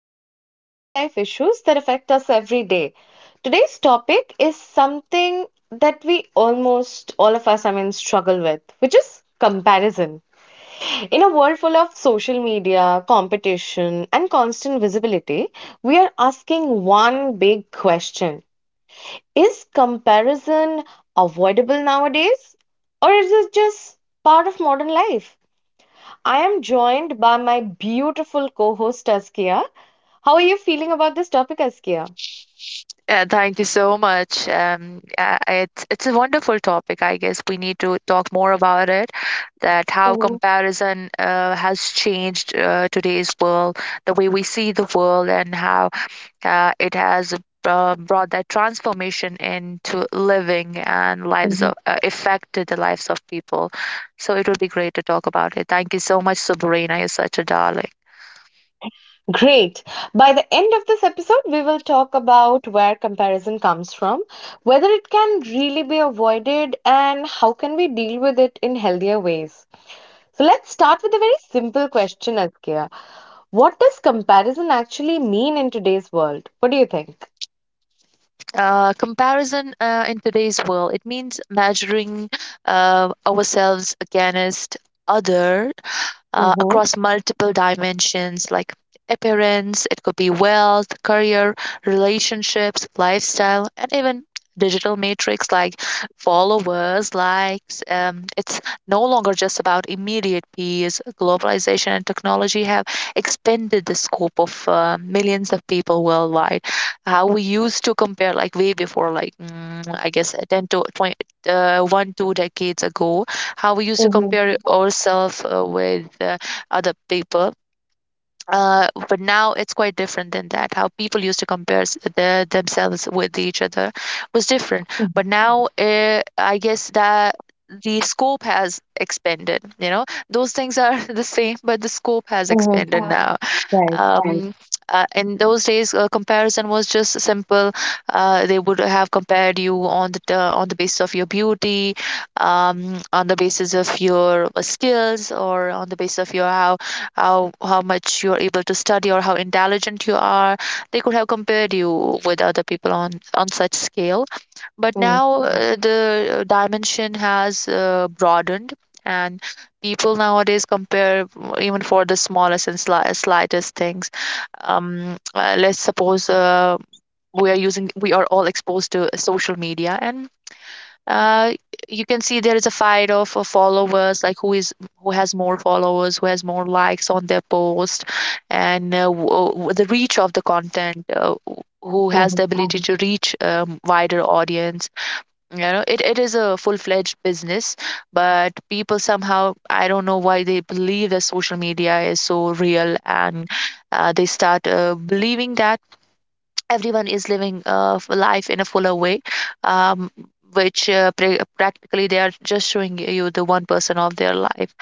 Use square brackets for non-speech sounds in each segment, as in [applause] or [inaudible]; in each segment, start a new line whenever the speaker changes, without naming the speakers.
about real life issues that affect us every day. Today's topic is something that we almost all of us, struggle with, which is comparison. In a world full of social media, competition, and constant visibility, we are asking one big question. Is comparison avoidable nowadays, or is it just part of modern life? I am joined by my beautiful co host, Askia. How are you feeling about this topic, Askia?
Yeah, thank you so much. It's a wonderful topic. I guess we need to talk more about it. That how
Mhm,
comparison has changed today's world, the way we see the world, and how it has brought that transformation into living and lives
mhm.
of affected the lives of people. So it would be great to talk about it. Thank you so much, Sabrina. You're such a darling.
Great. By the end of this episode, we will talk about where comparison comes from, whether it can really be avoided, and how can we deal with it in healthier ways. So let's start with a very simple question, Askia. What does comparison actually mean in today's world? What do you think?
Comparison in today's world, it means measuring ourselves against other,
Mm-hmm,
across multiple dimensions like appearance. It could be wealth, career, relationships, lifestyle, and even digital matrix like followers, likes. It's no longer just about immediate peers. Globalization and technology have expanded the scope of millions of people worldwide. How we used to compare, like way before, like I guess 10 to 20, 1 2 decades ago, how we used to
mm-hmm,
compare ourselves with other people. But now it's quite different than that. How people used to compare themselves with each other was different, but now I guess that the scope has expanded, you know, those things are [laughs] the same, but the scope has
mm-hmm,
expanded. Yeah. now
right.
Right. In those days, comparison was just simple. They would have compared you on the basis of your beauty, on the basis of your skills, or on the basis of your how how much you're able to study or how intelligent you are. They could have compared you with other people on such scale. But
Mm-hmm,
now the dimension has broadened, and people nowadays compare even for the smallest and slightest things. Let's suppose, we are all exposed to social media, and uh, you can see there is a fight of followers, like who has more followers, who has more likes on their post, and the reach of the content, who has the ability Mm. to reach wider audience. You know, it is a full-fledged business, but people somehow, I don't know why, they believe that social media is so real, and they start believing that everyone is living life in a fuller way, um, which practically, they are just showing you the one person of their life,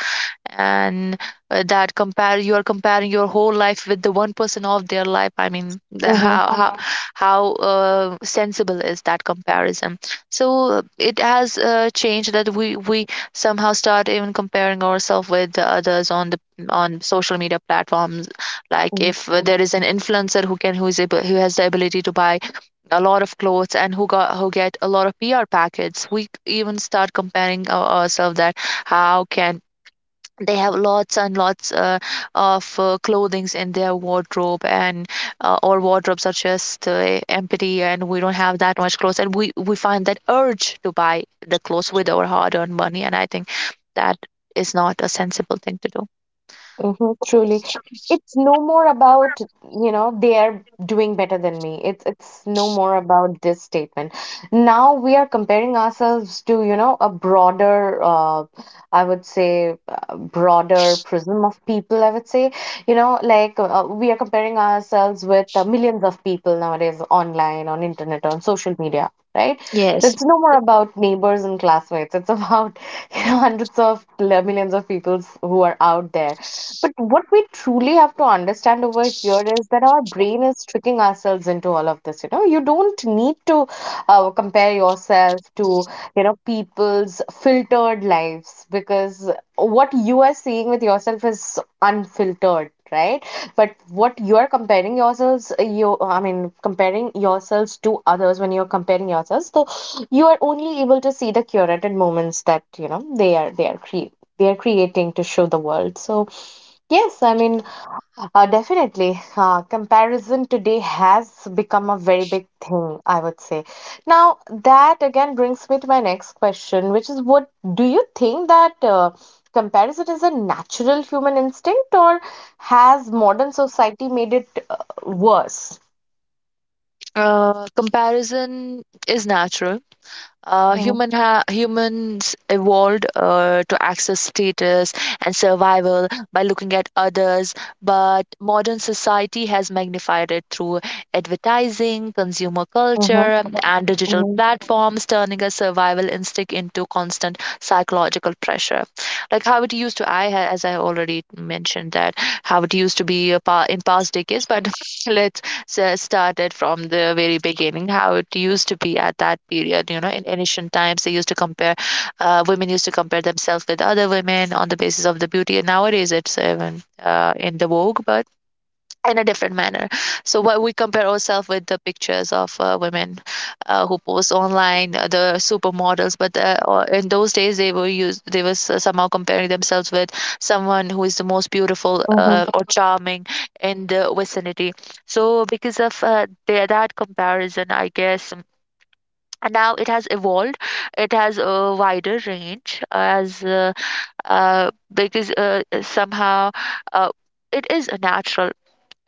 and that compare you are comparing your whole life with the one person of their life. I mean
mm-hmm,
Mhm. How sensible is that comparison? So it has changed that we somehow start even comparing ourselves with the others on the on social media platforms. Like if there is an influencer who can who is able who has the ability to buy a lot of clothes and who get a lot of PR packets, we even start comparing ourselves that how can they have lots and lots of clothings in their wardrobe, and our wardrobes are just empty, and we don't have that much clothes, and we find that urge to buy the clothes with our hard-earned money, and I think that is not a sensible thing to do.
Mm-hmm, truly. It's no more about, you know, they are doing better than me. It's no more about this statement. Now we are comparing ourselves to, you know, a broader, I would say broader prism of people, I would say. You know, we are comparing ourselves with millions of people nowadays online, on internet, on social media, right? So
Yes.
it's no more about neighbors and classmates. It's about, [laughs] you know, hundreds of millions of people who are out there, but what we truly have to understand over here is that our brain is tricking ourselves into all of this. You know, you don't need to compare yourself to, you know, people's filtered lives, because what you are seeing with yourself is unfiltered. Right, but what you are comparing yourselves, comparing yourselves to others when you're comparing yourselves, so you are only able to see the curated moments that you know they are creating to show the world. So yes, I mean, definitely. Comparison today has become a very big thing, I would say. Now, that again brings me to my next question, which is what do you think that comparison is a natural human instinct, or has modern society made it worse?
Comparison is natural.
Mhm,
Humans evolved to access status and survival by looking at others, but modern society has magnified it through advertising, consumer
mhm,
culture, and digital
mhm,
platforms, turning a survival instinct into constant psychological pressure. Like how it used to, as I already mentioned, that how it used to be a pa in past decades, but [laughs] let's started from the very beginning, how it used to be at that period. You know, in ancient times, they used to compare, women used to compare themselves with other women on the basis of the beauty, and nowadays it's even in the vogue, but in a different manner. So what, we compare ourselves with the pictures of women who post online, the supermodels. But or In those days, they were used. They were somehow comparing themselves with someone who is the most beautiful
mhm,
or charming in the vicinity. So because of that comparison, I guess. And now it has evolved. It has a wider range as because somehow uh, it is natural.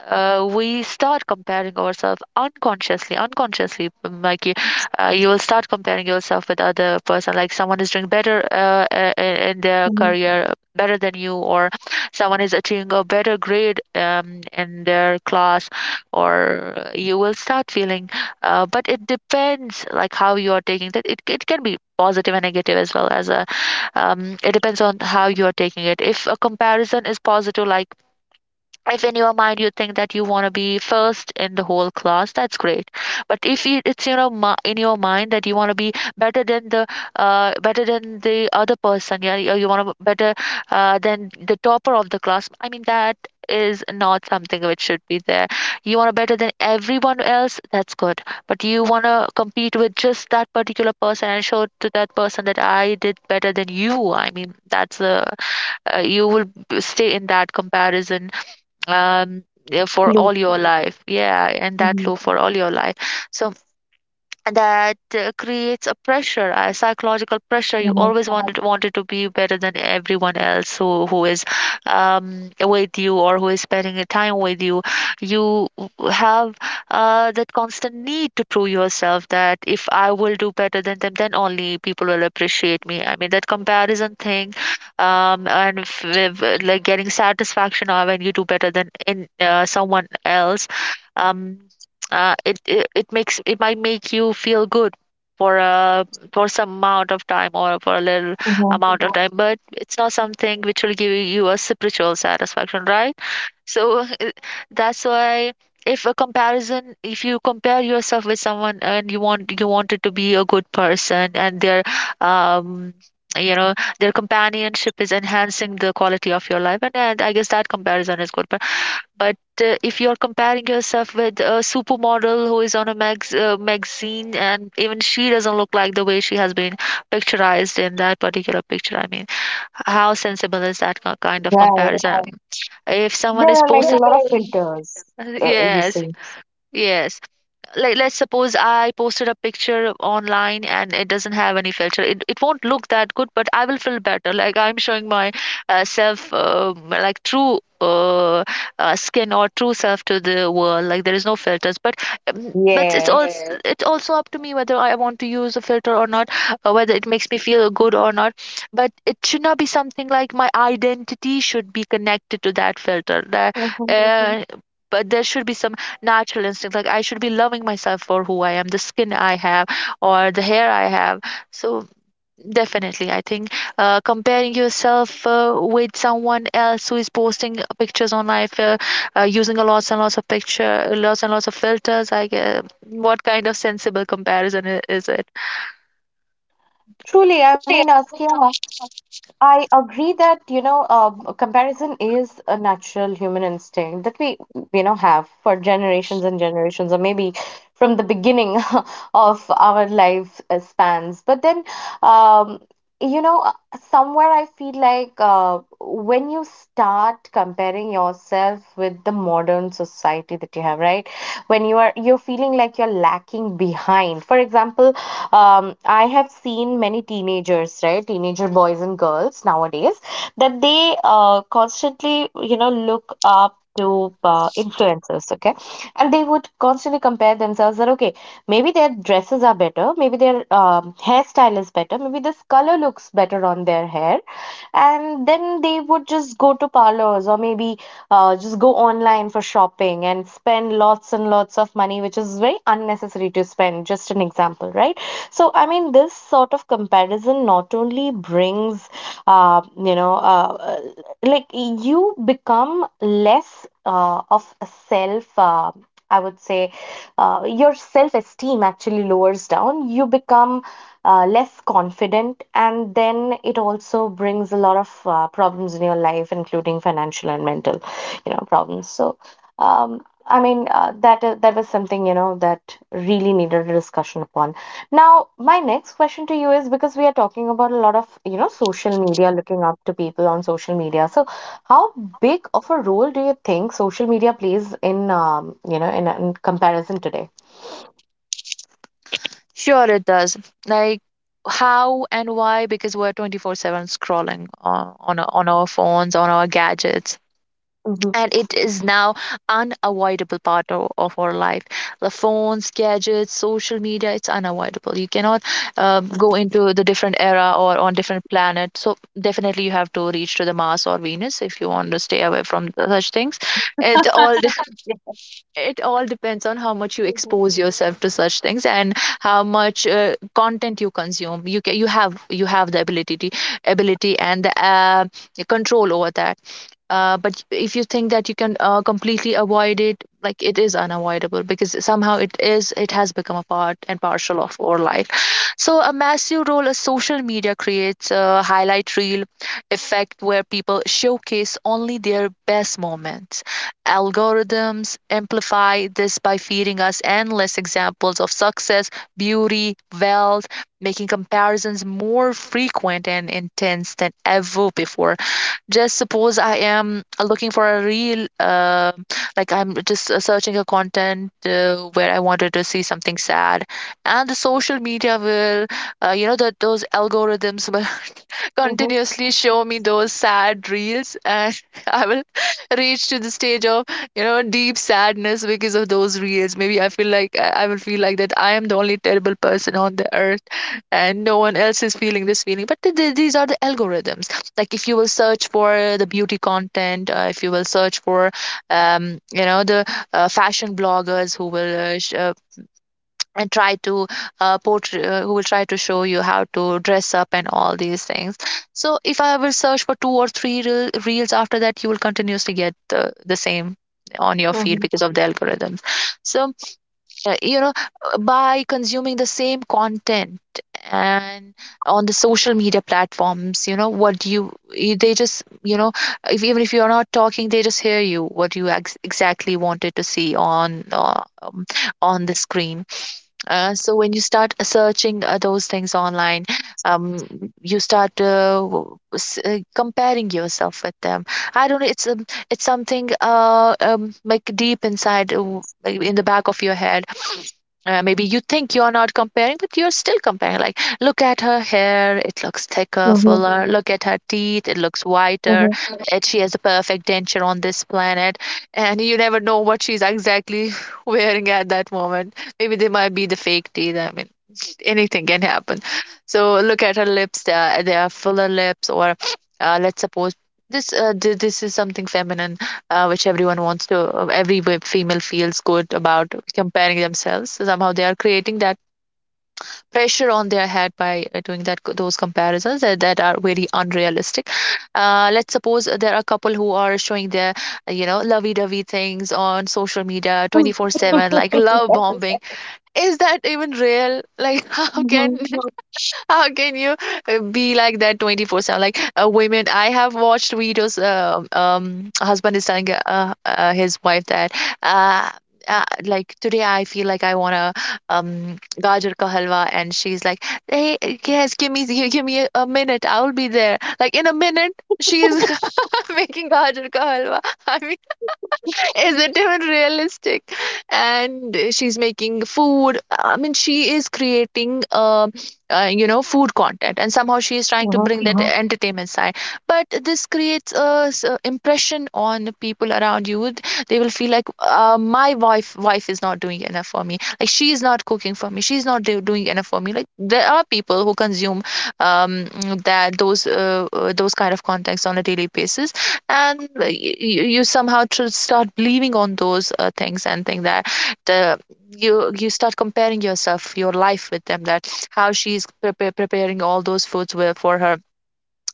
We start comparing ourselves unconsciously. Mikey You will start comparing yourself with other person, like someone is doing better in their
mhm.
career, better than you, or someone is achieving a better grade in their class, or you will start feeling but it depends, like how you are taking that. It can be positive and negative as well as a it depends on how you are taking it. If a comparison is positive, like if in your mind you think that you want to be first in the whole class, that's great. But if it's, you know, in your mind that you want to be better than the other person. Yeah, you want to better than the topper of the class, I mean, that is not something which should be there. You want to better than everyone else, that's good. But you want to compete with just that particular person and show to that person that I did better than you. I mean, that's a you will stay in that comparison, um, yeah, for
Loop.
all your life. Yeah, and that
Mhm,
loop for all your life. So that creates a pressure, a psychological pressure. You
mhm,
always wanted to be better than everyone else, who is with you or who is spending a time with you. You have that constant need to prove yourself that if I will do better than them, then only people will appreciate me. I mean that comparison thing, and like getting satisfaction or when you do better than in someone else. Um, it makes, it might make you feel good for a for some amount of time, or for a little
mhm.
amount of time, but it's not something which will give you a spiritual satisfaction, right? So [laughs] that's why, if a comparison, if you compare yourself with someone and you want you wanted to be a good person, and their um you know, their companionship is enhancing the quality of your life, and I guess that comparison is good. But if you're comparing yourself with a supermodel who is on a magazine, and even she doesn't look like the way she has been picturized in that particular picture, I mean, how sensible is that kind of
Right.
comparison? If
There
someone is
are like
posting,
a lot of
[laughs]
filters, you
Yes. yes,
see.
yes Like let's suppose I posted a picture online, and it doesn't have any filter. It won't look that good, but I will feel better. Like I'm showing my self, like true skin, or true self to the world. Like there is no filters. But but it's also
Yes.
Yes. it's also up to me whether I want to use a filter or not, or whether it makes me feel good or not. But it should not be something like my identity should be connected to that filter. That hmm uh, but there should be some natural instinct. Like I should be loving myself for who I am, the skin I have or the hair I have. So definitely, I think comparing yourself with someone else who is posting pictures on life using a lots and lots of picture lots and lots of filters, I guess, what kind of sensible comparison is it?
Truly, I mean, Askia, I agree that, you know, comparison is a natural human instinct that we, you know, have for generations and generations, or maybe from the beginning [laughs] of our life spans. But then, um, you know, somewhere I feel like when you start comparing yourself with the modern society that you have, right? When you are, you're feeling like you're lacking behind. For example, I have seen many teenagers, right, teenager boys and girls nowadays, that they constantly, you know, look up to influencers, okay, and they would constantly compare themselves that okay, maybe their dresses are better, maybe their hairstyle is better, maybe this color looks better on their hair, and then they would just go to parlors or maybe just go online for shopping and spend lots and lots of money, which is very unnecessary to spend. Just an example, right? So, I mean, this sort of comparison not only brings, you know, like you become less of a self. I would say your self esteem actually lowers down. You become less confident, and then it also brings a lot of problems in your life, including financial and mental, you know, problems. So, um, I mean, that was something you know that really needed a discussion upon. Now, my next question to you is because we are talking about a lot of, you know, social media, looking up to people on social media. So, how big of a role do you think social media plays in, you know, in comparison today?
Sure, it does. Like, how and why? Because we're 24/7 scrolling on our phones, on our gadgets.
Mm-hmm.
And it is now unavoidable part of our life. The phones, gadgets, social media, it's unavoidable. You cannot go into the different era or on different planet, so definitely you have to reach to the Mars or Venus if you want to stay away from such things. It all
[laughs]
[laughs]
Yeah.
it all depends on how much you
Mhm.
expose yourself to such things, and how much content you consume. You can you have the ability and the control over that. But if you think that you can completely avoid it, like, it is unavoidable because somehow it has become a part and partial of our life. So a massive role, as social media creates a highlight reel effect where people showcase only their best moments. Algorithms amplify this by feeding us endless examples of success, beauty, wealth, making comparisons more frequent and intense than ever before. Just suppose I am looking for a real like I'm just searching a content where I wanted to see something sad, and the social media will you know that those algorithms will [laughs] continuously show me those sad reels, and [laughs] I will [laughs] reach to the stage of, you know, deep sadness because of those reels. Maybe I feel like I will feel like that I am the only terrible person on the earth and no one else is feeling this feeling. But these are the algorithms. Like, if you will search for the beauty content, if you will search for you know, the fashion bloggers who will and try to portray, who will try to show you how to dress up and all these things. So if I will search for two or three reels, after that you will continuously get the same on your feed
Mm-hmm.
because of the algorithms. So you know, by consuming the same content and on the social media platforms, you know what you they just, you know, if even if you're not talking, they just hear you what you exactly wanted to see on the screen. So when you start searching those things online, um, you start comparing yourself with them. I don't know, it's something like deep inside, like in the back of your head. Maybe you think you're not comparing, but you're still comparing. Like, look at her hair, it looks thicker,
Mm-hmm.
fuller. Look at her teeth, it looks whiter.
Mhm.
Mhm. And she has the perfect denture on this planet. And you never know what she's exactly [laughs] wearing at that moment. Maybe they might be the fake teeth. I mean, anything can happen. So look at her lips, they are fuller lips. Or let's suppose this this is something feminine, which everyone wants to. Every female feels good about comparing themselves. So somehow they are creating that pressure on their head by doing that those comparisons that are very unrealistic. Let's suppose there are a couple who are showing their you know, lovey-dovey things on social media
[laughs]
24/7, like love
Yes.
bombing. Is that even real? Like, [laughs]
Mhm.
how can you be like that 24/7? Like, women, I have watched videos. Husband is telling his wife that, uh, like, today I feel like I want to gajar ka halwa, and she's like, hey, yes, give me give me a minute, I will be there. Like in a minute, she is [laughs] making gajar ka halwa. I isn't even realistic. And she's making food. I mean, she is creating, you know, food content, and somehow she is trying to
Mhm.
bring that, yeah, entertainment side. But this creates a impression on the people around you. They will feel like, my wife is not doing enough for me. Like, she is not cooking for me. She's not doing enough for me. Like, there are people who consume um, that those kind of contacts on a daily basis, and you somehow start believing on those things, and think that the you start comparing yourself, your life with them, that how she's preparing all those foods were for her,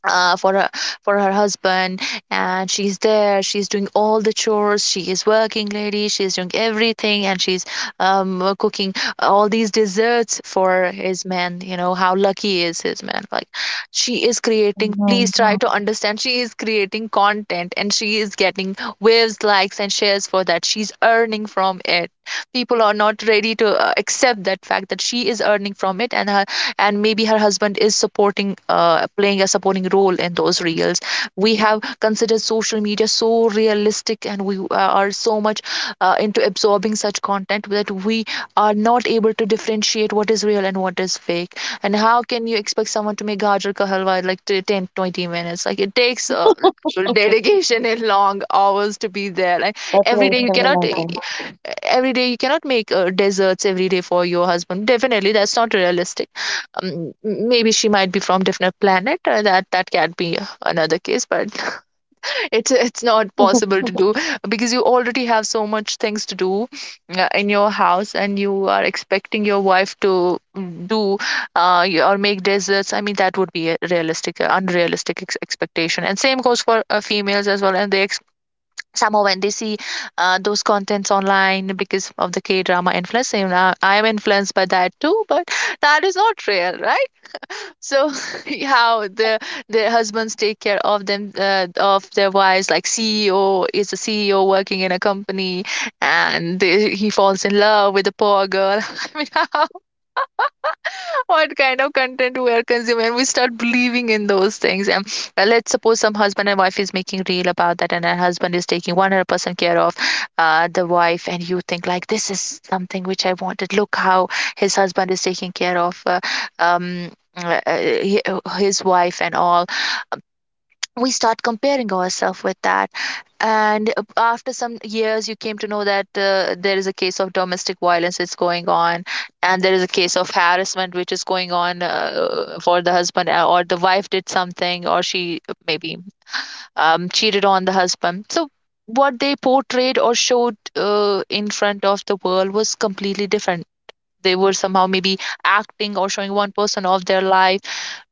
uh, for her for her husband. And she's there, she's doing all the chores, she is working lady, she's doing everything, and she's cooking all these desserts for his man. You know how lucky is his man. Like, she is creating,
Mhm.
please try, mhm, to understand, she is creating content and she is getting waves, likes and shares for that. She's earning from it. People are not ready to accept that fact that she is earning from it, and her, and maybe her husband is supporting, playing a supporting role in those reels. We have considered social media so realistic, and we are so much into absorbing such content that we are not able to differentiate what is real and what is fake. And how can you expect someone to make gajar ka halwa in like 10 20 minutes? Like, it takes [laughs] dedication and long hours to be there. Like,
That's
every
very
day you cannot
similar
e,
then.
every day you cannot make desserts every day for your husband. Definitely that's not realistic. um, Maybe she might be from different planet, that that can be another case. But [laughs] it's not possible
[laughs]
to do [laughs] because you already have so much things to do in your house, and you are expecting your wife to mm, do or make desserts. I mean, that would be a realistic unrealistic expectation. And same goes for females as well. And they somehow when they see those contents online because of the K drama influence. Same, now I am influenced by that too. But that is not real, right? So [laughs] how the their husbands take care of them, of their wives. Like, CEO is a CEO working in a company, and they, he falls in love with a poor girl. [laughs] I mean, how, what kind of content we are consuming, we start believing in those things. And let's suppose some husband and wife is making reel about that, and her husband is taking 100% care of the wife, and you think like this is something which I wanted. Look how his husband is taking care of um, uh, uh, his wife and all. We start comparing ourselves with that. And after some years you came to know that there is a case of domestic violence that's going on, and there is a case of harassment which is going on, for the husband, or the wife did something, or she maybe cheated on the husband. So what they portrayed or showed in front of the world was completely different. They were somehow maybe acting or showing one person of their life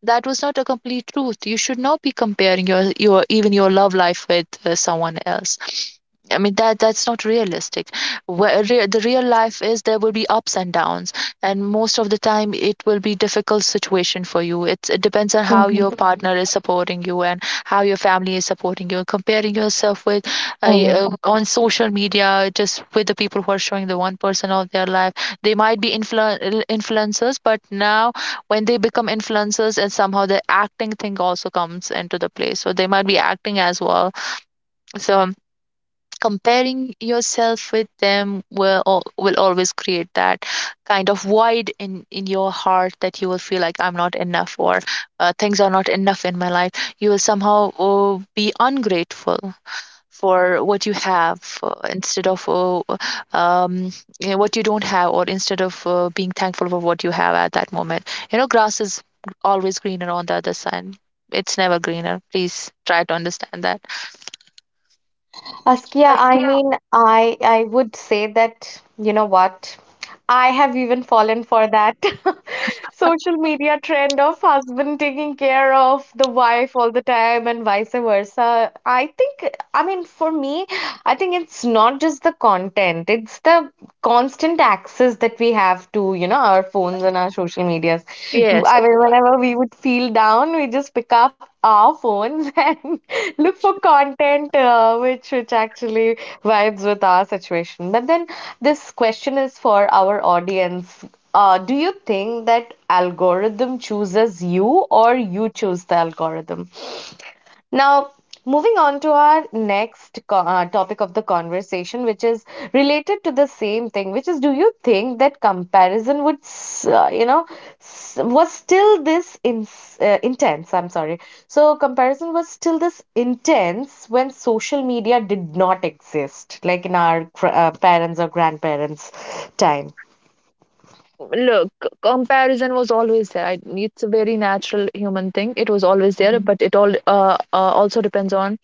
that was not a complete truth. You should not be comparing your even your love life with someone else. I mean, that that's not realistic. Where the real life is, there will be ups and downs, and most of the time it will be difficult situation for you. It's, it depends on how
Mhm.
your partner is supporting you, and how your family is supporting you. Comparing yourself with uh,
Mhm.
on social media, just with the people who are showing the one person of their life, they might be influencers. But now when they become influencers and somehow the acting thing also comes into the play, so they might be acting as well. So comparing yourself with them will will always create that kind of void in your heart, that you will feel like I'm not enough, or things are not enough in my life. You will somehow be ungrateful for what you have, instead of um, you know, what you don't have. Or instead of being thankful for what you have at that moment. You know, grass is always greener on the other side. It's never greener, please try to understand that.
Askia,
But
I
yeah,
mean, I would say that, you know what? I have even fallen for that [laughs] social media trend of husband taking care of the wife all the time and vice versa. I think, I mean, for me, I think it's not just the content, it's the constant access that we have to, you know, our phones and our social medias. I
yes,
mean, whenever we would feel down, we just pick up our phones [laughs] and look for content which actually vibes with our situation. But then this question is for our audience. Do you think that algorithm chooses you or you choose the algorithm? Now, moving on to our next topic of the conversation, which is related to the same thing, which is do you think that comparison you know, s- was still this in, intense? I'm sorry. So, comparison was still this intense when social media did not exist, like in our parents or grandparents' time.
look, comparison was always there. I, it's a very natural human thing, it was always there.
Mhm,
But it all also depends on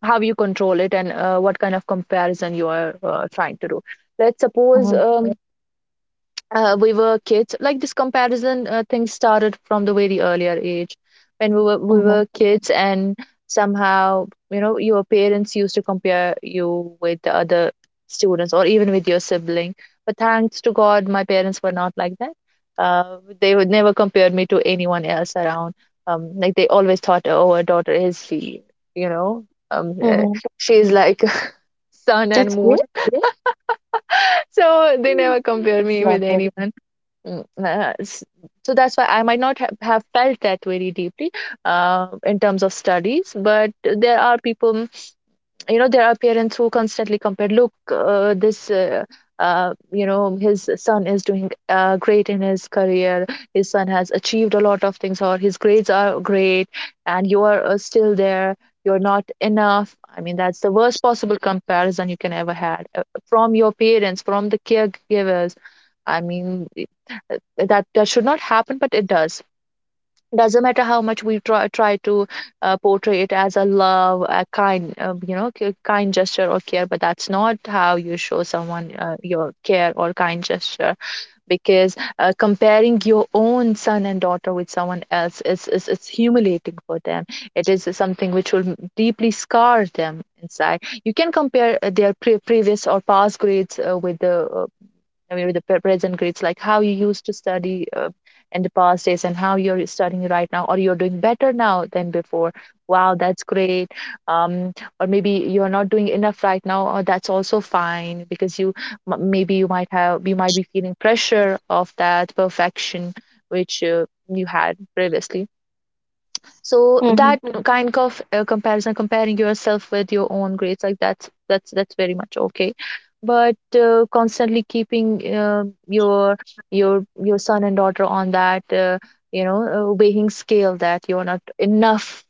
how you control it, and what kind of comparison you are trying to do. Let's suppose,
mhm,
we were kids, like, this comparison thing started from the very earlier age, when we were we
mhm,
were kids, and somehow, you know, your parents used to compare you with the other students, or even with your sibling. But thanks to god, my parents were not like that. They would never compared me to anyone else around. Like, they always thought, oh, our daughter is she, you know, um, uh,
mhm.
she's like [laughs] sun
That's
and
great.
moon. [laughs] So they never compared me
Love
with
it.
anyone. Mm, uh, s- so that's why I might not have felt that very deeply in terms of studies. But there are people, you know, there are parents who constantly compare. Look, this you know, his son is doing great in his career, his son has achieved a lot of things, or his grades are great, and you are still there, you're not enough. I mean, that's the worst possible comparison you can ever had, from your parents, from the caregivers. I mean, uh, that should not happen, but it does. Doesn't matter how much we try to portray it as a love, a kind, kind gesture or care. But that's not how you show someone your care or kind gesture. Because comparing your own son and daughter with someone else is humiliating for them. It is something which will deeply scar them inside. You can compare their previous or past grades, with the I mean, with the present grades, like how you used to study in the past days, and how you're studying right now, or you're doing better now than before. Wow, that's great. Um, or maybe you're not doing enough right now, or that's also fine because you maybe you might be feeling pressure of that perfection which you had previously. So
Mm-hmm.
that kind of comparison, comparing yourself with your own grades, like that's very much okay. But constantly keeping your son and daughter on that, weighing scale, that you're not enough.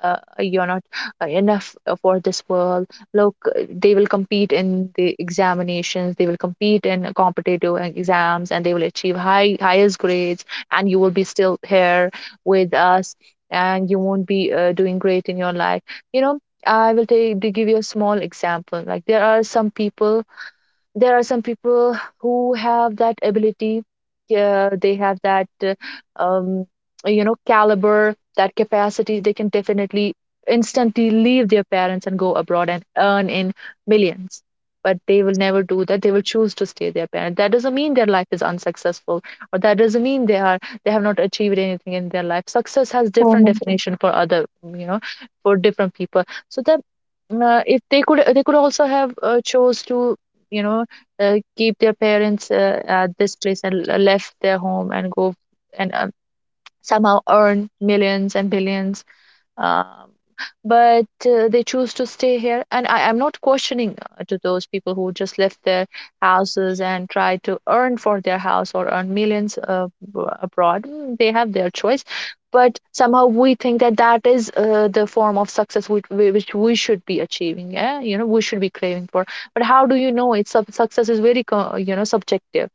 You're not enough for this world. Look, they will compete in the examinations. They will compete in competitive exams, and they will achieve highest grades. And you will be still here with us, and you won't be doing great in your life you know I will take to give you a small example. Like, there are some people, who have that ability. They have that um, caliber, that capacity. They can definitely instantly leave their parents and go abroad and earn in millions. But they will never do that. They will choose to stay their parent. That doesn't mean their life is unsuccessful, or that doesn't mean they have not achieved anything in their life. Success has different
Mm-hmm.
definition for other, you know for different people. So that if they could, also have chose to, you know keep their parents at this place, and left their home and go, and somehow earn millions and billions. Um, but They choose to stay here. And I am not questioning, to those people who just left their houses and try to earn for their house or earn millions abroad. They have their choice. But somehow we think that that is the form of success which we should be achieving, yeah, we should be craving for. But how do you know, it's success is very subjective.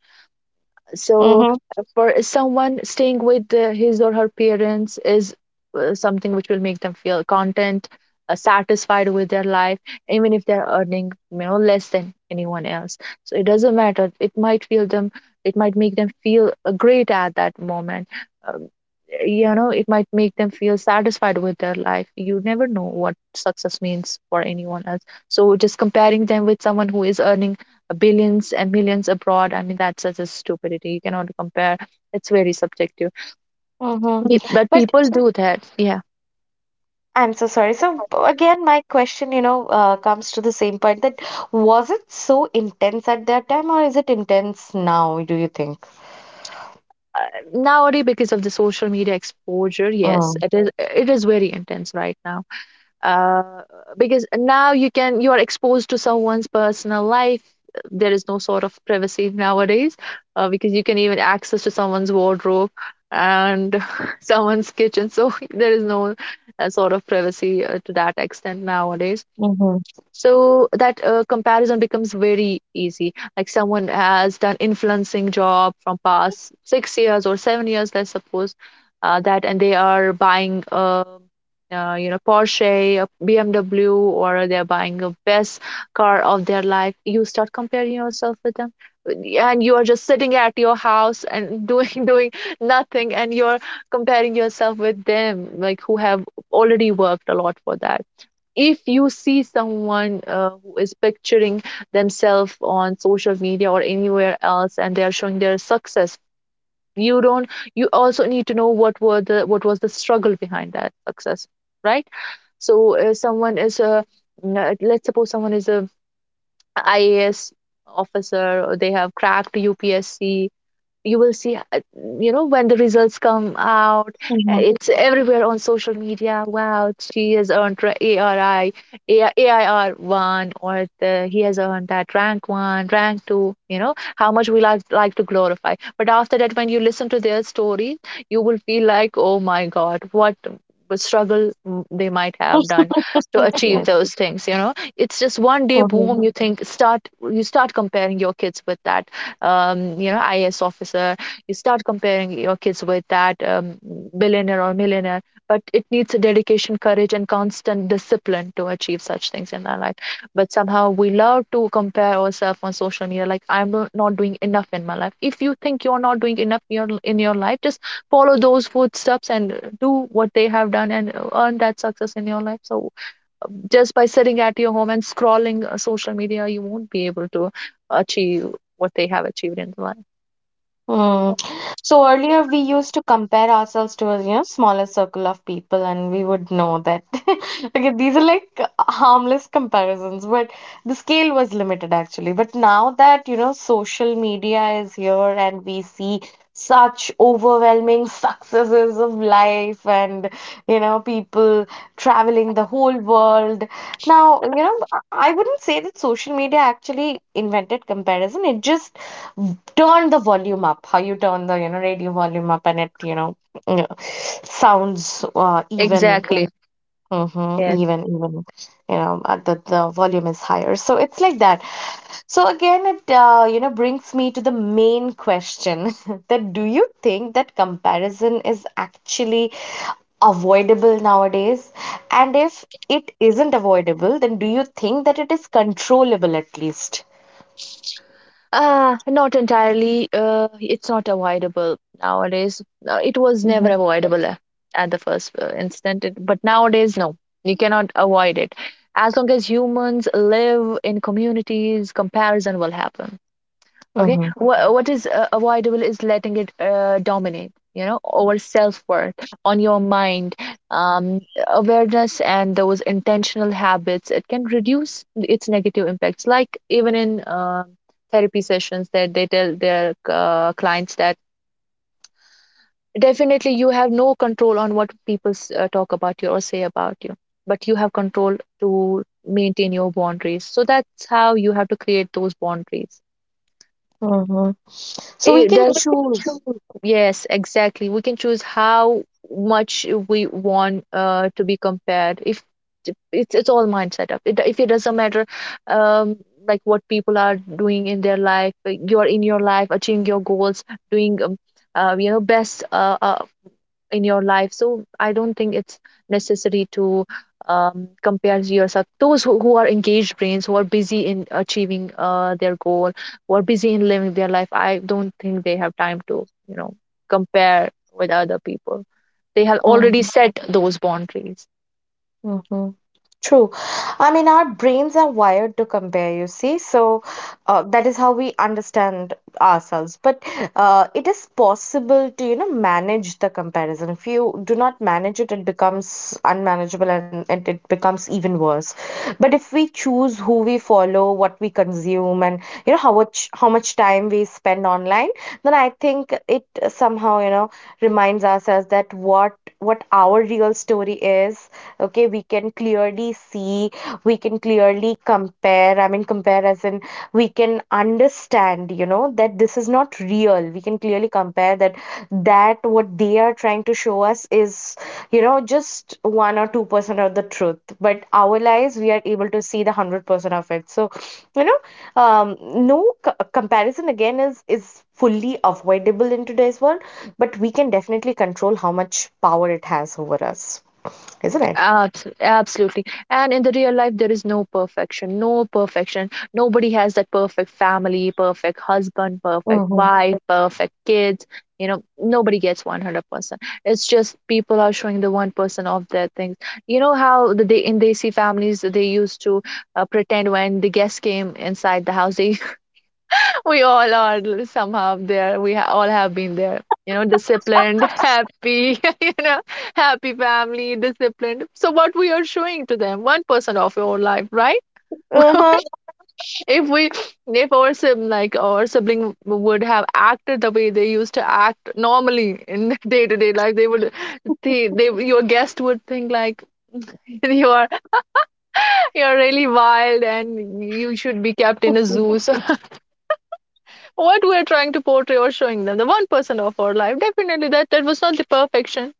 So
Mm-hmm.
for someone, staying with his or her parents is something which will make them feel content, satisfied with their life, even if they're earning, less than anyone else. So it doesn't matter. It might feel them. It might make them feel great at that moment. Um, you know, it might make them feel satisfied with their life. You never know what success means for anyone else. So just comparing them with someone who is earning billions and millions abroad, I mean, that's such a stupidity. You cannot compare. It's very subjective.
Mm-hmm.
But people do that, yeah.
I'm so sorry. So again, my question, you know, comes to the same point that was it so intense at that time, or is it intense now, do you think?
uh, Nowadays, because of the social media exposure, yes,
Mm.
it is very intense right now. uh, because now, you are exposed to someone's personal life. There is no sort of privacy nowadays, because you can even access to someone's wardrobe and [laughs] someone's kitchen. So [laughs] there is no sort of privacy to that extent nowadays.
Mm-hmm.
So that comparison becomes very easy. Like, someone has done influencing job from past 6 years or 7 years, let's suppose. That, and they are buying a Porsche, a BMW, or they're buying the best car of their life. You start comparing yourself with them, and you are just sitting at your house and doing [laughs] doing nothing, and you're comparing yourself with them, like, who have already worked a lot for that. If you see someone who is picturing themselves on social media or anywhere else, and they are showing their success, you don't you also need to know what was the struggle behind that success, right? So someone is a let's suppose someone is a IAS officer, or they have cracked UPSC. You will see, when the results come out,
Mm-hmm.
it's everywhere on social media. Wow, she has earned ARI, AIR 1, or the, he has earned that rank 1, rank 2. You know how much we to glorify. But after that, when you listen to their story, you will feel like, oh my god, what a struggle they might have done
[laughs]
[laughs] to achieve those things. You know, it's just one day,
Yes.
boom, you think start. You start comparing your kids with that IAS officer. You start comparing your kids with that billionaire or millionaire, but it needs a dedication, courage, and constant discipline to achieve such things in our life. But somehow we love to compare ourselves on social media, like I'm not doing enough in my life. If you think you're not doing enough in your life, just follow those footsteps and do what they have done and earn that success in your life. So just by sitting at your home and scrolling social media, you won't be able to achieve what they have achieved in life.
Hmm. So earlier we used to compare ourselves to a you know smaller circle of people, and we would know that [laughs] okay, these are like harmless comparisons, but the scale was limited actually. But now that you know social media is here and we see such overwhelming [laughs] successes of life and you know people traveling the whole world. Now, you know, I wouldn't say that social media actually invented comparison. It just turn the volume up, how you turn the you know radio volume up, and it you know you sounds even
Exactly. Yes.
even you know the volume is higher, so it's like that. So again it you know brings me to the main question [laughs] that do you think that comparison is actually avoidable nowadays, and if it isn't avoidable, then do you think that it is controllable at least?
Not entirely. It's not avoidable nowadays. It was never avoidable at the first instant, but nowadays, no, you cannot avoid it. As long as humans live in communities, comparison will happen. Okay.
Mm-hmm.
Mhm. What is avoidable is letting it dominate, you know, over self-worth on your mind. Awareness and those intentional habits, it can reduce its negative impacts. Like, even in therapy sessions, that they tell their clients that definitely you have no control on what people talk about you or say about you. But you have control to maintain your boundaries. So that's how you have to create those boundaries.
Mm-hmm. So we
It
can
does
choose.
choose. Yes, exactly. We can choose how much we want to be compared. If it's all mindset up. If it doesn't matter, um, like what people are doing in their life, like you're in your life, achieving your goals, doing best in your life. So I don't think it's necessary to compare yourself, those who are engaged brains, who are busy in achieving their goal, who are busy in living their life. I don't think they have time to, compare with other people. They have already
Mm.
set those boundaries.
Mhm. True. I mean, our brains are wired to compare, you see. So that is how we understand ourselves. But it is possible to, you know, manage the comparison. If you do not manage it, it becomes unmanageable, and it becomes even worse. But if we choose who we follow, what we consume, and, you know, how much time we spend online, then I think it somehow, you know, reminds ourselves that what our real real story is. Okay, we can clearly see, we can clearly compare, I mean compare as in we can understand, you know, that this is not real. We can clearly compare that that what they are trying to show us is you know just 1 or 2 percent of the truth, but our lives we are able to see the 100 percent of it. So you know, um, no comparison again is fully avoidable in today's world, but we can definitely control how much power it has over us, isn't it?
Absolutely. And in the real life, there is no perfection, no perfection. Nobody has that perfect family, perfect husband, perfect
Mm-hmm.
wife, perfect kids. You know, nobody gets 100%. It's just people are showing the 1% of their things. You know how they, in Desi families, they used to pretend. When the guests came inside the house, they we all are somehow there. We all have been there. You know, disciplined, [laughs] happy, [laughs] you know, happy family, disciplined. So what we are showing to them, 1% of your life, right? [laughs]
Uh-huh.
if we, if our sibling, like our sibling, would have acted the way they used to act normally in [laughs] day to day life, they would, they, your guest would think like [laughs] you are, you are really wild and you should be kept in a zoo. So what we're trying to portray or showing them, the 1% of our life, definitely that was not the perfection.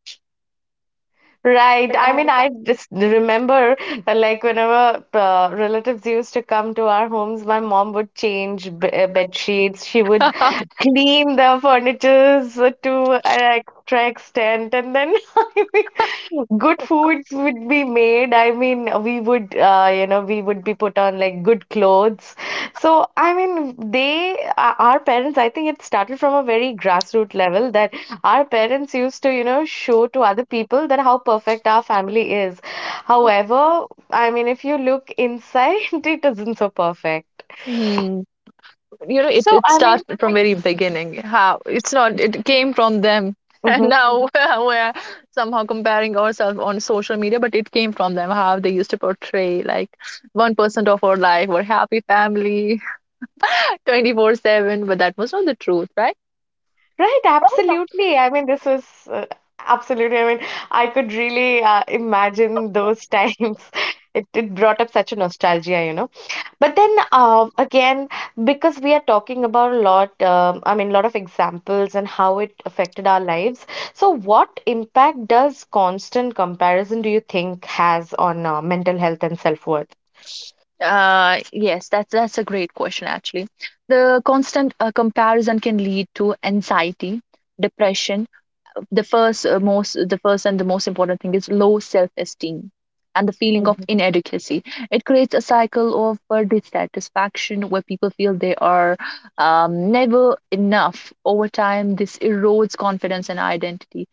Right. I mean, I just remember like whenever relatives used to come to our homes, my mom would change b bed sheets. She would
Ah.
clean the furnitures to an extra extent, and then [laughs] good foods would be made. I mean, we would, you know, we would be put on like good clothes. So, I mean, they, our parents, I think it started from a very grassroots level that our parents used to, you know, show to other people that how perfect our family is. However, I mean, if you look inside, [laughs] it isn't so perfect.
Hmm. You know, it
So,
it
I mean,
starts from very beginning, how it's not, it came from them [laughs] and
mm-hmm.
now [laughs] we're somehow comparing ourselves on social media, but it came from them, how they used to portray like 1% of our life we're happy family [laughs] 24/7. But that was not the truth, right?
Right, absolutely. I mean, this was uh, absolutely. I mean, I could really imagine those times. [laughs] It brought up such a nostalgia, you know. But then again, because we are talking about a lot, I mean, a lot of examples and how it affected our lives. So, what impact does constant comparison do you think has on mental health and self-worth?
Yes, that's a great question actually. The constant comparison can lead to anxiety, depression. The first and the most important thing is low self-esteem and the feeling of
Mm-hmm.
inadequacy. It creates a cycle of dissatisfaction where people feel they are never enough. Over time, this erodes confidence and identity.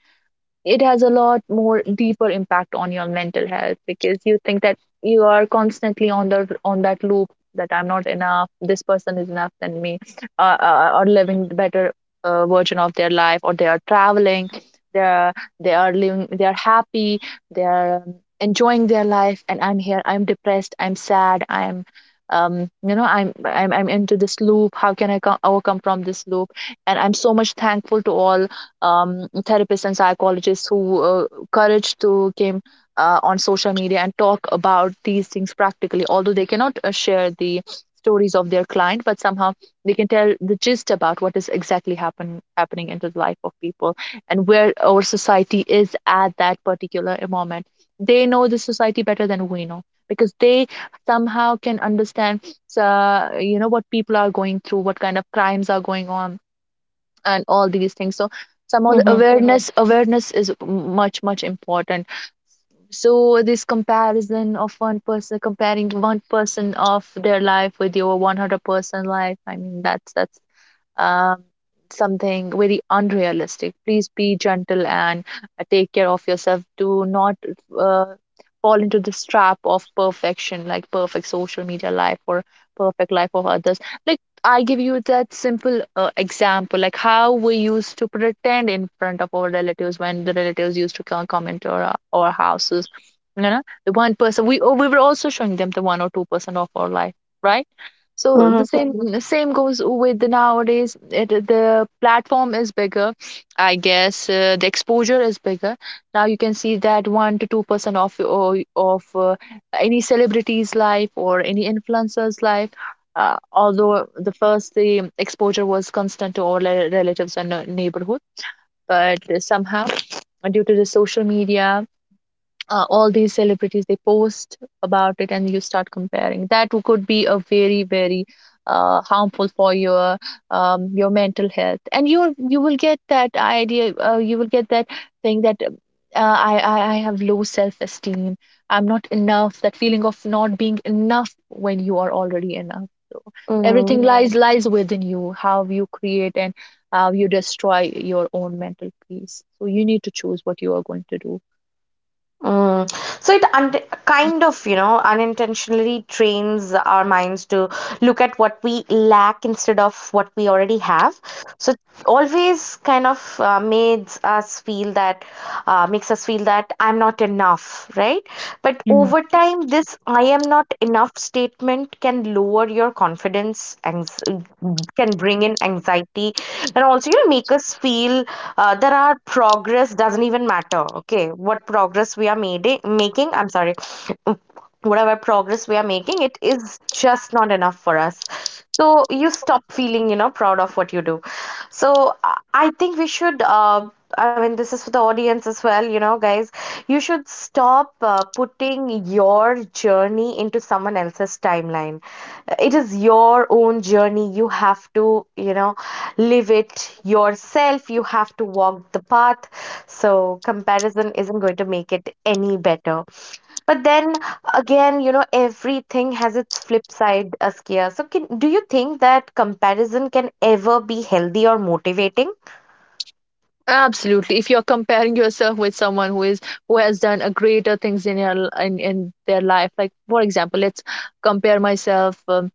It has a lot more deeper impact on your mental health because you think that you are constantly on the on that loop, that I'm not enough, this person is enough than me, or living the better version of their life, or they are traveling, they are they are living, they are happy, they are enjoying their life, and I'm here, I'm depressed, I'm sad, I'm you know I'm into this loop. How can I overcome from this loop? And I'm so much thankful to all therapists and psychologists who courage to came on social media and talk about these things practically, although they cannot share the stories of their client, but somehow they can tell the gist about what is exactly happening into the life of people and where our society is at that particular moment. They know the society better than we know, because they somehow can understand what people are going through, what kind of crimes are going on, and all these things. So somehow the
Mm-hmm.
awareness is much much important. So this comparison of one person, comparing one person of their life with your 100-person life, I mean that's um, something very unrealistic. Please be gentle and take care of yourself. Do not uh, fall into this trap of perfection, like perfect social media life or perfect life of others. Like I give you that simple example, like how we used to pretend in front of our relatives when the relatives used to come into our houses. You know, the one person we were also showing them the 1 or 2% of our life, right? So the same goes with the nowadays. The platform is bigger, I guess. The exposure is bigger. Now you can see that 1 to 2% of any celebrity's life or any influencer's life. Although the exposure was constant to all relatives and neighborhood, but somehow due to the social media, all these celebrities, they post about it and you start comparing. That could be a very very harmful for your mental health, and you will get that idea. You will get that thing that I have low self esteem. I'm not enough, that feeling of not being enough when you are already enough.
Mm-hmm.
Everything, yes, lies, yes, lies within you. How you create and how you destroy your own mental peace, so you need to choose what you are going to do.
Mm. So it un kind of, you know, unintentionally trains our minds to look at what we lack instead of what we already have. So it always kind of makes us feel that I'm not enough, right? But over time, this I am not enough statement can lower your confidence, can bring in anxiety, and also you know, make us feel that our progress doesn't even matter. Okay, what progress we are made, making, I'm sorry, whatever progress we are making, it is just not enough for us. So you stop feeling, you know, proud of what you do. So I think we should. I mean, this is for the audience as well, you know, guys. You should stop putting your journey into someone else's timeline. It is your own journey. You have to, you know, live it yourself. You have to walk the path. So comparison isn't going to make it any better. But then again, you know, everything has its flip side, Askia. So, can, do you think that comparison can ever be healthy or motivating?
Absolutely. If you're comparing yourself with someone who has done a greater things in in their life, like for example, let's compare myself. um,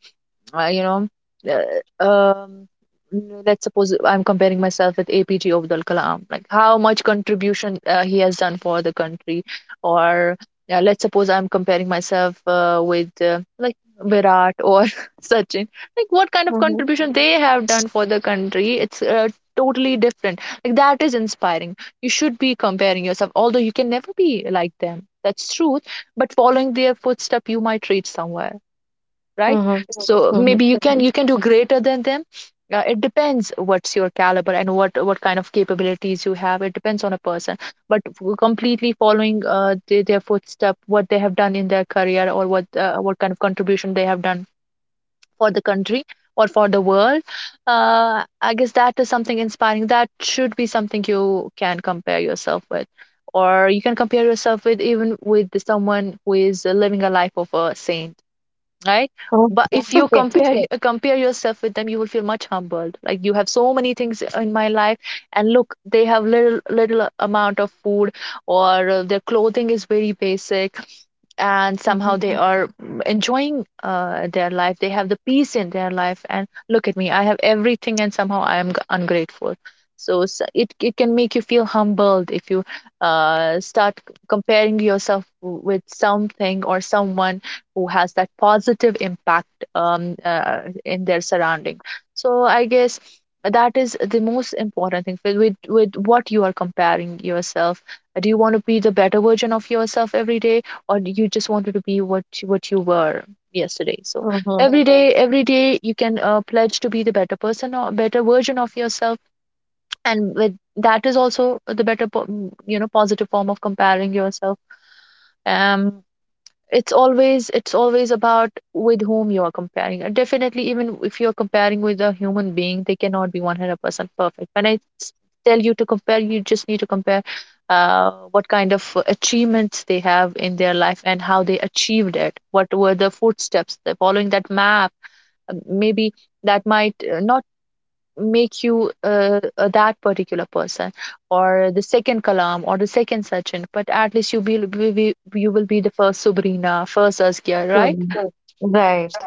uh, you know, uh, um, n- let's suppose I'm comparing myself with APG Abdul Kalam, like how much contribution he has done for the country, or yeah, let's suppose I'm comparing myself with like Virat or [laughs] Sachin, like what kind of
Mm-hmm.
contribution they have done for the country. It's totally different. Like that is inspiring. You should be comparing yourself, although you can never be like them. That's truth. But following their footstep, you might reach somewhere, right?
Mm-hmm.
So
Mm-hmm.
maybe you can do greater than them. It depends what's your caliber and what kind of capabilities you have. It depends on a person. But completely following their footstep, what they have done in their career, or what kind of contribution they have done for the country or for the world. I guess that is something inspiring. That should be something you can compare yourself with, or you can compare yourself with even with someone who is living a life of a saint, right? But yeah, if you
Okay.
compare [laughs] compare yourself with them, you will feel much humbled. Like you have so many things in my life, and look, they have little amount of food, or their clothing is very basic, and somehow
Mm-hmm.
they are enjoying their life. They have the peace in their life, and look at me, I have everything and somehow I am ungrateful. So it can make you feel humbled if you start comparing yourself with something or someone who has that positive impact in their surrounding. So I guess that is the most important thing, with what you are comparing yourself. Do you want to be the better version of yourself every day, or you just wanted to be what you were yesterday? So
Mm-hmm.
every day you can pledge to be the better person or better version of yourself. And with that is also the better positive form of comparing yourself. um it's always about with whom you are comparing, and definitely even if you're comparing with a human being, they cannot be 100% perfect. When I tell you to compare, you just need to compare what kind of achievements they have in their life and how they achieved it, what were the footsteps, the following that map. Maybe that might not make you that particular person, or the second Kalam or the second Sachin, but at least you will be the first Sabrina, first Askia, right?
Right.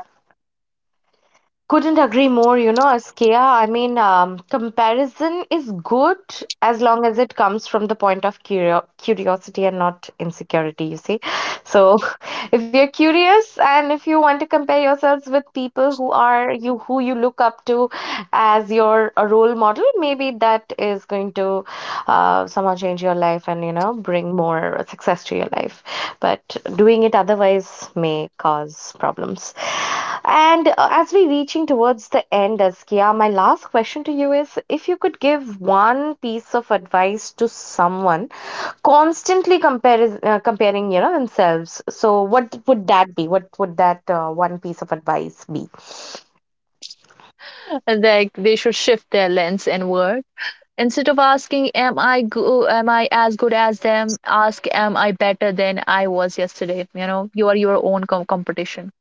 Couldn't agree more, you know, Askia. I mean, comparison is good as long as it comes from the point of curiosity and not insecurity, you see. So, [laughs] if you're curious and if you want to compare yourselves with people who are you who you look up to as your a role model, maybe that is going to somehow change your life and you know bring more success to your life, but doing it otherwise may cause problems. And as we reaching towards the end, Askia, my last question to you is if you could give one piece of advice to someone comparing you know themselves, so what would that be, what would that one piece of advice be?
And like, they should shift their lens inward instead of asking, "Am I go? Am I as good as them?" Ask, "Am I better than I was yesterday?" You know, you are your own competition.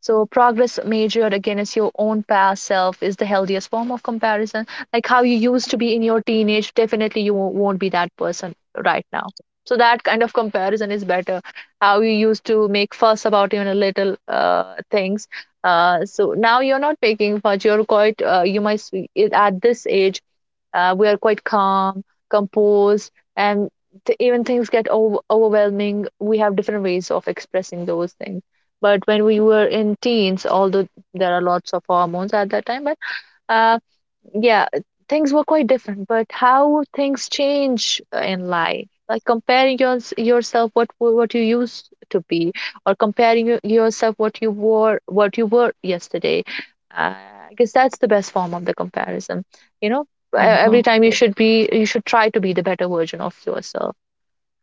So progress measured against your own past self is the healthiest form of comparison. Like how you used to be in your teenage, definitely you won't be that person right now. So that kind of comparison is better. How you used to make fuss about even little things. So now you're not making fuss. You're quite. At this age, we are quite calm, composed, and even things get overwhelming, we have different ways of expressing those things. But when we were in teens, although there are lots of hormones at that time, but uh, yeah, things were quite different, but how things change in life, like comparing yourself what you used to be, or comparing yourself what you were yesterday. Uh, I guess that's the best form of the comparison. You know,
Mm-hmm.
every time you, yes, should be you should try to be the better version of yourself,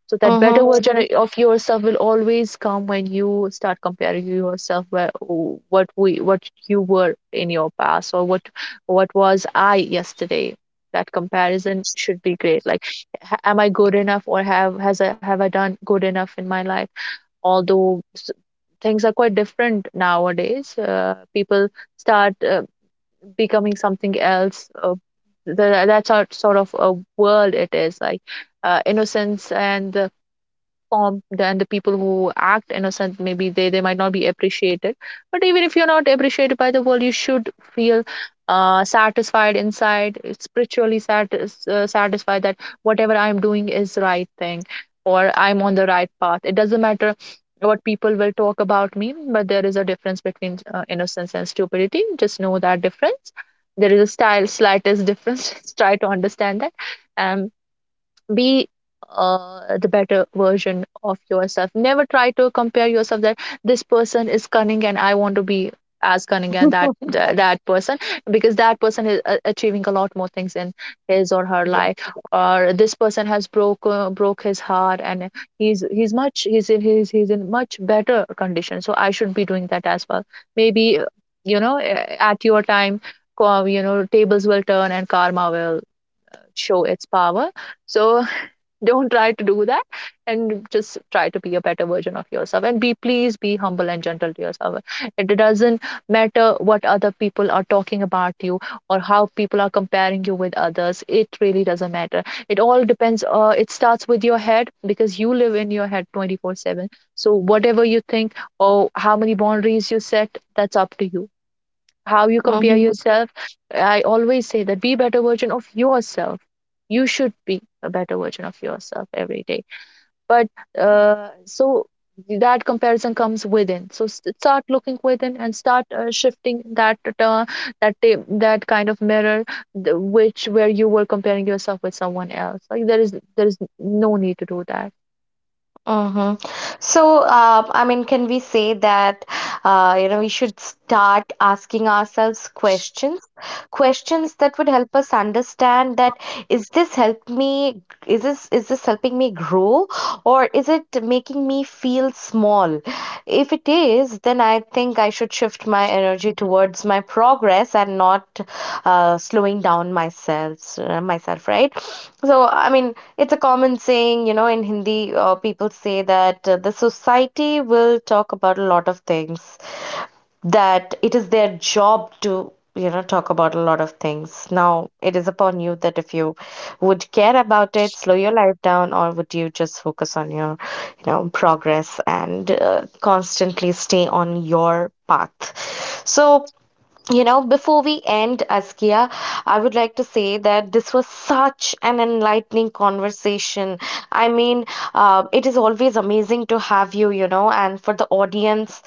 so that
Mm-hmm.
better, version, mhm, of yourself will always come when you start comparing yourself, where what you were in your past, or what was I yesterday. That comparison should be great, like am I good enough, or have I done good enough in my life. Although things are quite different nowadays. People start becoming something else. That's our sort of a world. It is like innocence and the form, and the people who act innocent, maybe they might not be appreciated. But even if you're not appreciated by the world, you should feel satisfied inside, spiritually satisfied, that whatever I'm doing is right thing, or I'm on the right path. It doesn't matter what people will talk about me, but there is a difference between innocence and stupidity. Just know that difference. There is a style slightest difference. [laughs] Just try to understand that, and be the better version of yourself. Never try to compare yourself that this person is cunning and I want to be as cunning and that person, because that person is achieving a lot more things in his or her life. Or this person has broke his heart, and he's much he's in he's, he's in much better condition, so I should be doing that as well. Maybe at your time, tables will turn and karma will show its power. So don't try to do that, and just try to be a better version of yourself. And be please be humble and gentle to yourself. It doesn't matter what other people are talking about you, or how people are comparing you with others. It really doesn't matter. It all depends, it starts with your head, because you live in your head 24/7. So whatever you think, or how many boundaries you set, that's up to you, how you
[laughs]
compare
Yeah.
yourself. I always say that be better version of yourself. You should be a better version of yourself every day. But so that comparison comes within. So start looking within and start shifting that kind of mirror, which where you were comparing yourself with someone else. Like there is no need to do that.
Mm-hmm. So, I mean, can we say that, you know, we should start asking ourselves questions, questions that would help us understand that is this help me, is this helping me grow, or is it making me feel small? If it is, then I think I should shift my energy towards my progress and not myself, right? So, I mean, it's a common saying, you know, in Hindi, people say that the society will talk about a lot of things, that it is their job to you know talk about a lot of things. Now it is upon you that if you would care about it slow your life down or would you just focus on your you know progress and constantly stay on your path. So you know, before we end, Askia, I would like to say that this was such an enlightening conversation. I mean, it is always amazing to have you, you know, and for the audience,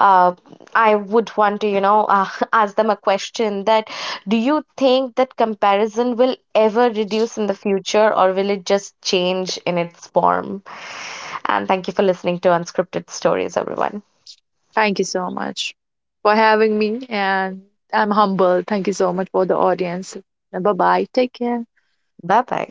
uh, I would want to, you know, [laughs] ask them a question that do you think that comparison will ever reduce in the future or will it just change in its form? And thank you for listening to Unscripted Stories, everyone.
Thank you so much for having me, and I'm humbled. Thank you so much for the audience. Bye bye. Take care.
Bye bye.